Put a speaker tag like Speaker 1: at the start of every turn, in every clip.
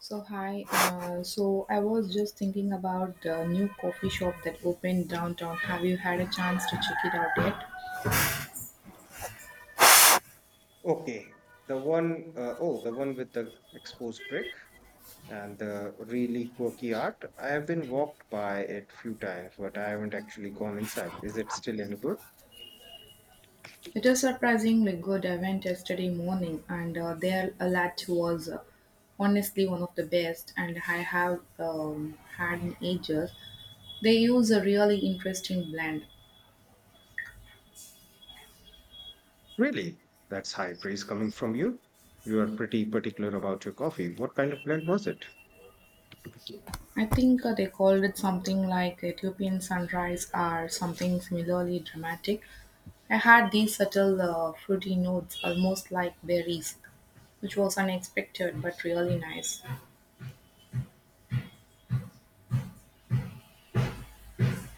Speaker 1: So hi, so I was just thinking about the new coffee shop that opened downtown. Have you had a chance to check it out yet?
Speaker 2: Okay, the one the one with the exposed brick and the really quirky art. I have been walked by it few times, but I haven't actually gone inside. Is it still any good?
Speaker 1: It is surprisingly good. I went yesterday morning, and their latte was honestly one of the best, and I have had in ages. They use a really interesting blend.
Speaker 2: Really? That's high praise coming from you. You are pretty particular about your coffee. What kind of blend was it?
Speaker 1: I think they called it something like Ethiopian sunrise or something similarly dramatic. I had these subtle fruity notes, almost like berries, which was unexpected but really nice.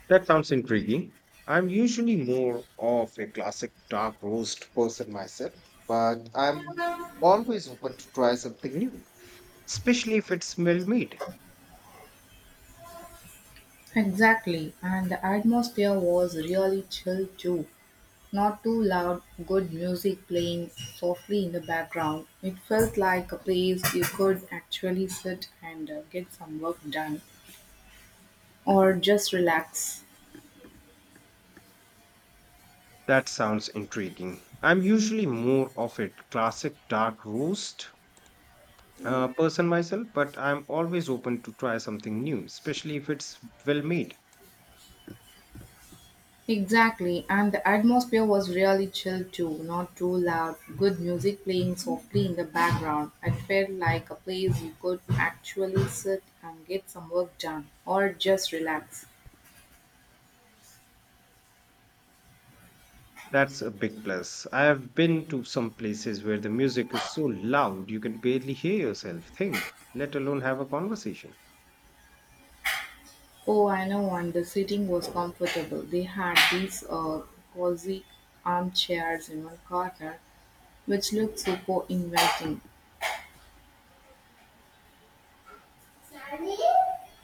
Speaker 2: That sounds intriguing. I'm usually more of a classic dark roast person myself, but I'm always open to try something new, especially if it's well-made.
Speaker 1: Exactly, and the atmosphere was really chill too. Not too loud, good music playing softly in the background. It felt like a place you could actually sit and get some work done or just relax.
Speaker 2: That sounds intriguing. I'm usually more of a classic dark roast person myself, but I'm always open to try something new, especially if it's well-made.
Speaker 1: Exactly, and the atmosphere was really chill too, not too loud, good music playing softly in the background. It felt like a place you could actually sit and get some work done or just relax.
Speaker 2: That's a big plus. I've been to some places where the music is so loud you can barely hear yourself think, let alone have a conversation.
Speaker 1: Oh, I know, and the seating was comfortable. They had these cozy armchairs in one corner, which looked super inviting.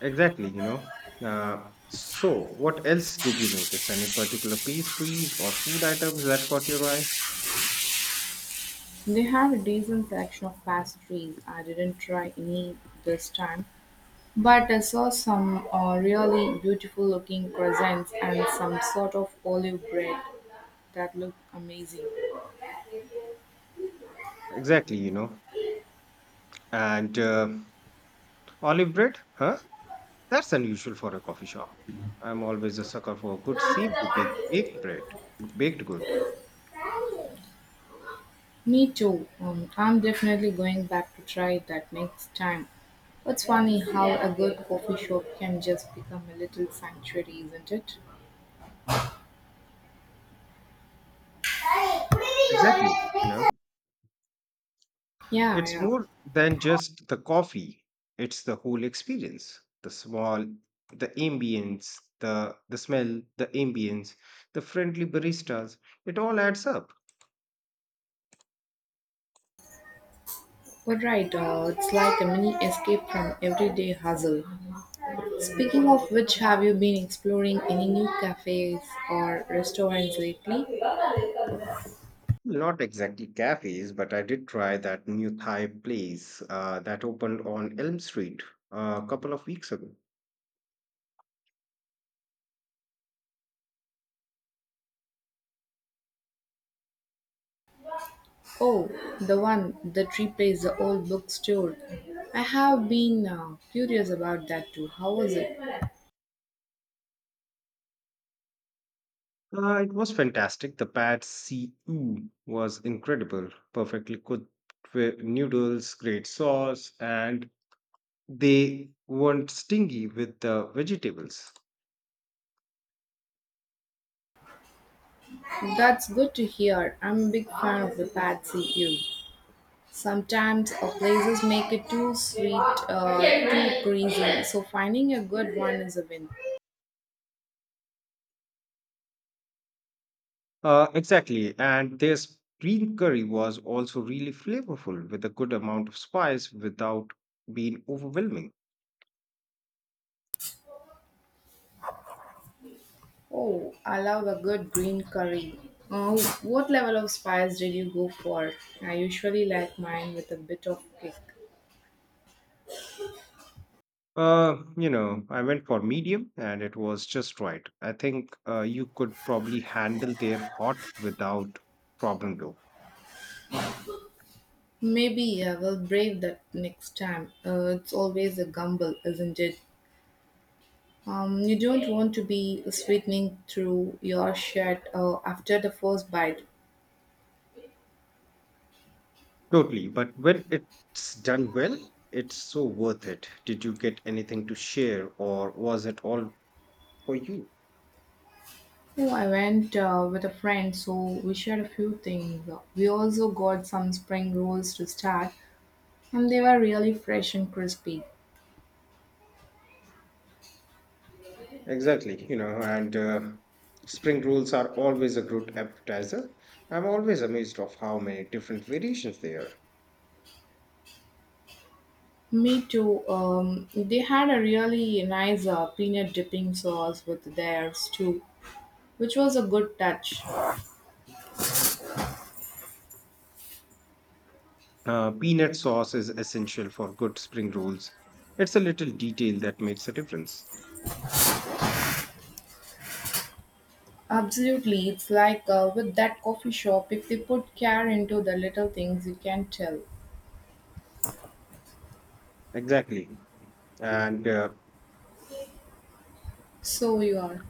Speaker 2: Exactly. you know. So, what else did you notice? Any particular pastries or food items that caught your eye?
Speaker 1: They had a decent selection of pastries. I didn't try any this time, but I saw some really beautiful looking crescents and some sort of olive bread that looked amazing.
Speaker 2: Exactly. you know. And olive bread? Huh? That's unusual for a coffee shop. I'm always a sucker for a good seafood, baked bread, baked good.
Speaker 1: Me too. I'm definitely going back to try that next time. It's funny how a good coffee shop can just become a little sanctuary, isn't it?
Speaker 2: Exactly. you know.
Speaker 1: Yeah,
Speaker 2: It's
Speaker 1: yeah.
Speaker 2: more than just the coffee, it's the whole experience. The smell, the ambience, the friendly baristas, it all adds up.
Speaker 1: But right, it's like a mini escape from everyday hustle. Speaking of which, have you been exploring any new cafes or restaurants lately?
Speaker 2: Not exactly cafes, but I did try that new Thai place that opened on Elm Street a couple of weeks ago.
Speaker 1: Oh, the one that replaced the old bookstore. I have been curious about that too. How was it?
Speaker 2: It was fantastic. The pad see ew was incredible, perfectly cooked with noodles, great sauce, and they weren't stingy with the vegetables.
Speaker 1: That's good to hear. I'm a big fan of the Patsy Ew. Sometimes places make it too sweet, too greasy, so finding a good one is a win.
Speaker 2: Exactly, and their green curry was also really flavorful with a good amount of spice without being overwhelming.
Speaker 1: Oh, I love a good green curry. Uh, what level of spice did you go for? I usually like mine with a bit of kick.
Speaker 2: I went for medium and it was just right. I think you could probably handle their hot without problem though.
Speaker 1: Maybe I will brave that next time. It's always a gamble, isn't it? You don't want to be sweetening through your shirt after the first bite.
Speaker 2: Totally, but when it's done well, it's so worth it. Did you get anything to share or was it all for you?
Speaker 1: Oh, I went with a friend, so we shared a few things. We also got some spring rolls to start, and they were really fresh and crispy.
Speaker 2: Exactly, you know, and spring rolls are always a good appetizer. I'm always amazed of how many different variations there are.
Speaker 1: Me too. They had a really nice peanut dipping sauce with theirs too, which was a good touch.
Speaker 2: Peanut sauce is essential for good spring rolls. It's a little detail that makes a difference.
Speaker 1: Absolutely, it's like with that coffee shop. If they put care into the little things, you can tell.
Speaker 2: Exactly. And uh,
Speaker 1: So you are.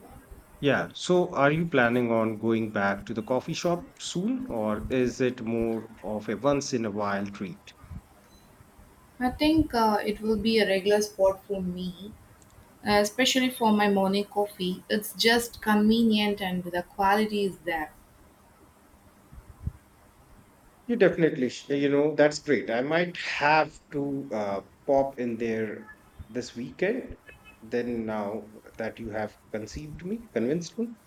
Speaker 2: yeah, so are you planning on going back to the coffee shop soon, or is it more of a once in a while treat?
Speaker 1: I think it will be a regular spot for me, especially for my morning coffee. It's just convenient and the quality is there.
Speaker 2: You definitely, sh- you know, That's great. I might have to pop in there this weekend. Now that you have convinced me,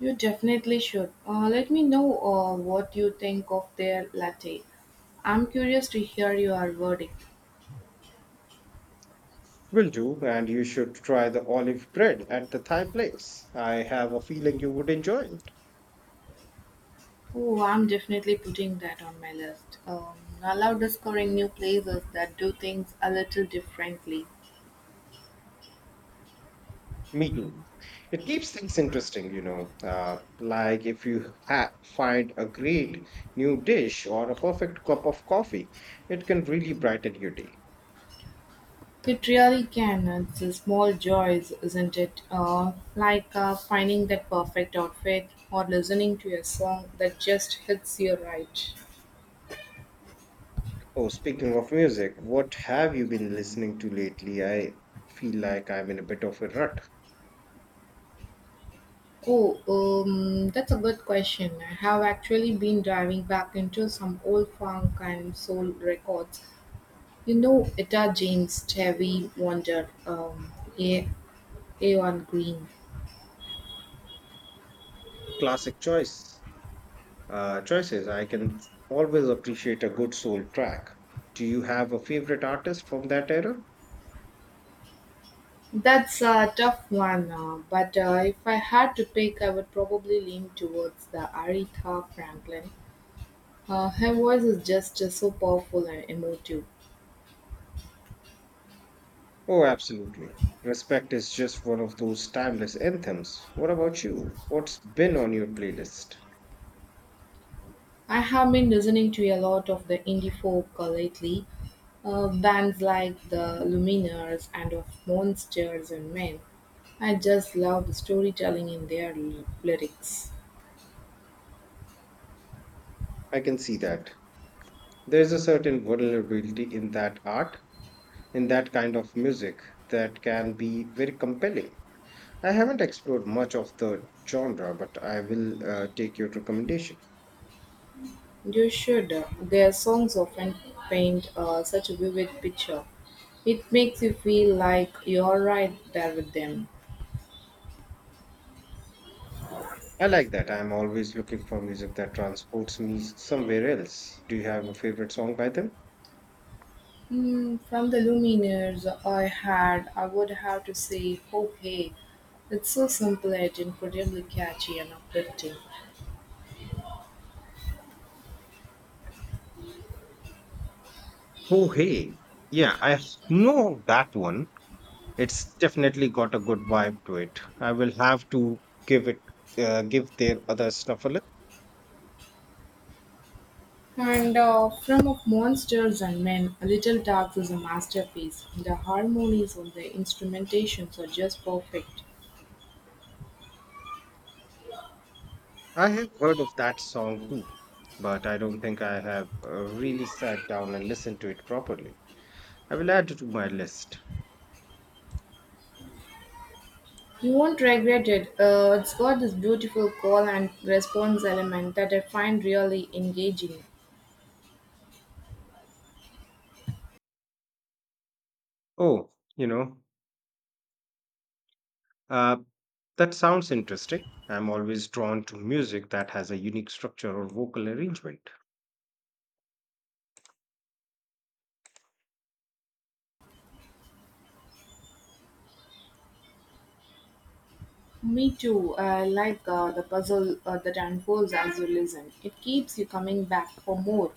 Speaker 1: You definitely should. Let me know what you think of their latte. I'm curious to hear your verdict.
Speaker 2: will do. And you should try the olive bread at the Thai place. I have a feeling you would enjoy it.
Speaker 1: Oh, I'm definitely putting that on my list. I love discovering new places that do things a little differently.
Speaker 2: Me too. It keeps things interesting, you know. Like if you find a great new dish or a perfect cup of coffee, it can really brighten your day.
Speaker 1: It really can. It's a small joys, isn't it? Like finding that perfect outfit or listening to a song that just hits you right.
Speaker 2: Oh, speaking of music, what have you been listening to lately? I feel like I'm in a bit of a rut.
Speaker 1: Oh, that's a good question. I have actually been diving back into some old funk and soul records. You know, Etta James, Stevie Wonder, A. A1 Green.
Speaker 2: Classic choices. I can always appreciate a good soul track. Do you have a favorite artist from that era?
Speaker 1: That's a tough one, but if I had to pick, I would probably lean towards the Aretha Franklin. Her voice is just so powerful and emotive.
Speaker 2: Oh, absolutely. Respect is just one of those timeless anthems. What about you? What's been on your playlist?
Speaker 1: I have been listening to a lot of the indie folk lately, bands like the Lumineers and of Monsters and Men. I just love the storytelling in their lyrics.
Speaker 2: I can see that. There's a certain vulnerability in in that kind of music, that can be very compelling. I haven't explored much of the genre, but I will take your recommendation.
Speaker 1: You should. Their songs often paint such a vivid picture. It makes you feel like you're right there with them.
Speaker 2: I like that. I'm always looking for music that transports me somewhere else. Do you have a favorite song by them?
Speaker 1: Hmm, from the Lumineers I had, I would have to say, oh hey, it's so simple yet incredibly catchy and uplifting.
Speaker 2: Oh, hey. Yeah, I know that one. It's definitely got a good vibe to it. I will have to give it, give their other stuff a look.
Speaker 1: And from of monsters and men, a Little Talks is a masterpiece. The harmonies on the instrumentations are just perfect.
Speaker 2: I have heard of that song too, but I don't think I have really sat down and listened to it properly. I will add it to my list.
Speaker 1: You won't regret it. It's got this beautiful call and response element that I find really engaging.
Speaker 2: Oh, you know, uh, that sounds interesting. I'm always drawn to music that has a unique structure or vocal arrangement.
Speaker 1: Me too. I like the puzzle that unfolds as you listen. It keeps you coming back for more.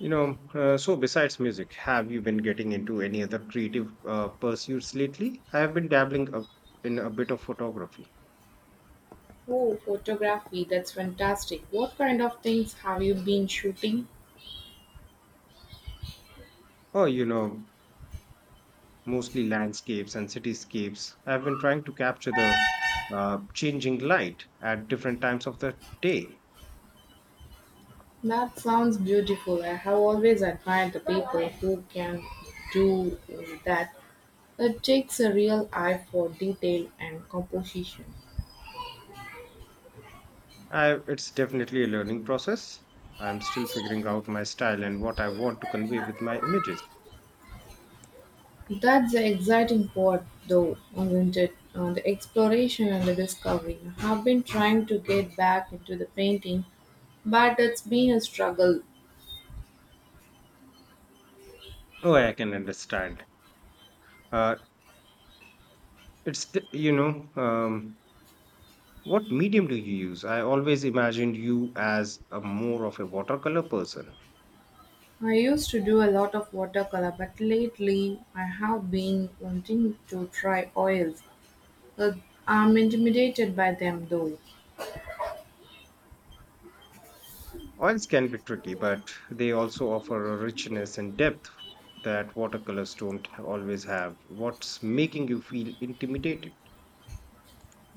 Speaker 2: So besides music, have you been getting into any other creative pursuits lately? I have been dabbling up in a bit of photography.
Speaker 1: Oh, photography, that's fantastic. What kind of things have you been shooting?
Speaker 2: Oh, you know, Mostly landscapes and cityscapes. I've been trying to capture the changing light at different times of the day.
Speaker 1: That sounds beautiful. I have always admired the people who can do that. It takes a real eye for detail and composition.
Speaker 2: It's definitely a learning process. I'm still figuring out my style and what I want to convey with my images.
Speaker 1: That's the exciting part, though, isn't it? The exploration and the discovery. I've been trying to get back into the painting, but it's been a struggle.
Speaker 2: Oh, I can understand. Uh, it's the, you know, What medium do you use? I always imagined you as a more of a watercolor person.
Speaker 1: I used to do a lot of watercolor, but lately I have been wanting to try oils. Uh, I'm intimidated by them though.
Speaker 2: Oils can be tricky, but they also offer a richness and depth that watercolors don't always have. What's making you feel intimidated?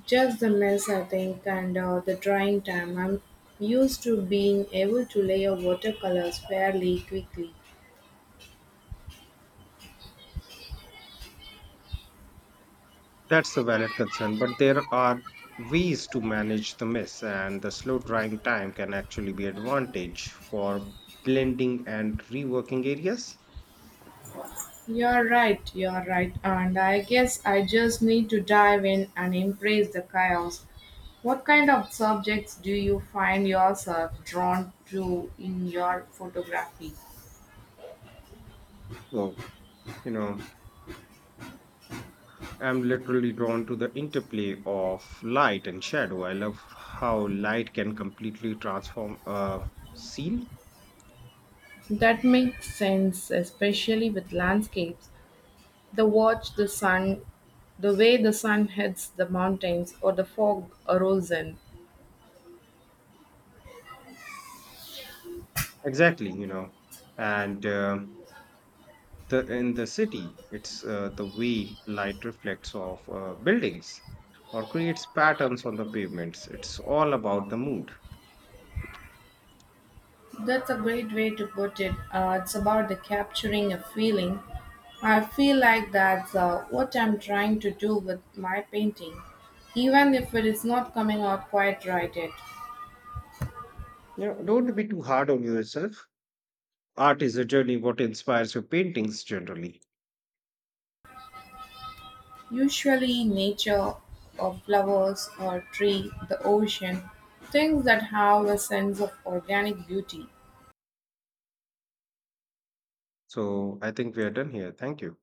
Speaker 1: Just the mess, I think, and the drying time. I'm used to being able to layer watercolors fairly quickly.
Speaker 2: That's a valid concern, but there are ways to manage the mess, and the slow drying time can actually be advantage for blending and reworking areas.
Speaker 1: You're right, and I guess I just need to dive in and embrace the chaos. What kind of subjects do you find yourself drawn to in your photography?
Speaker 2: Well, you know, I'm literally drawn to the interplay of light and shadow. I love how light can completely transform a scene.
Speaker 1: That makes sense, especially with landscapes. The sun, the way the sun hits the mountains, or the fog rolls in.
Speaker 2: Exactly. And um in the city, it's the way light reflects off buildings or creates patterns on the pavements. It's all about the mood.
Speaker 1: That's a great way to put it. It's about the capturing a feeling. I feel like that's what I'm trying to do with my painting, even if it is not coming out quite right yet.
Speaker 2: You know, don't be too hard on yourself. Art is a journey. What inspires your paintings generally?
Speaker 1: Usually, nature, or flowers, or tree, the ocean, things that have a sense of organic beauty.
Speaker 2: So I think we are done here. Thank you.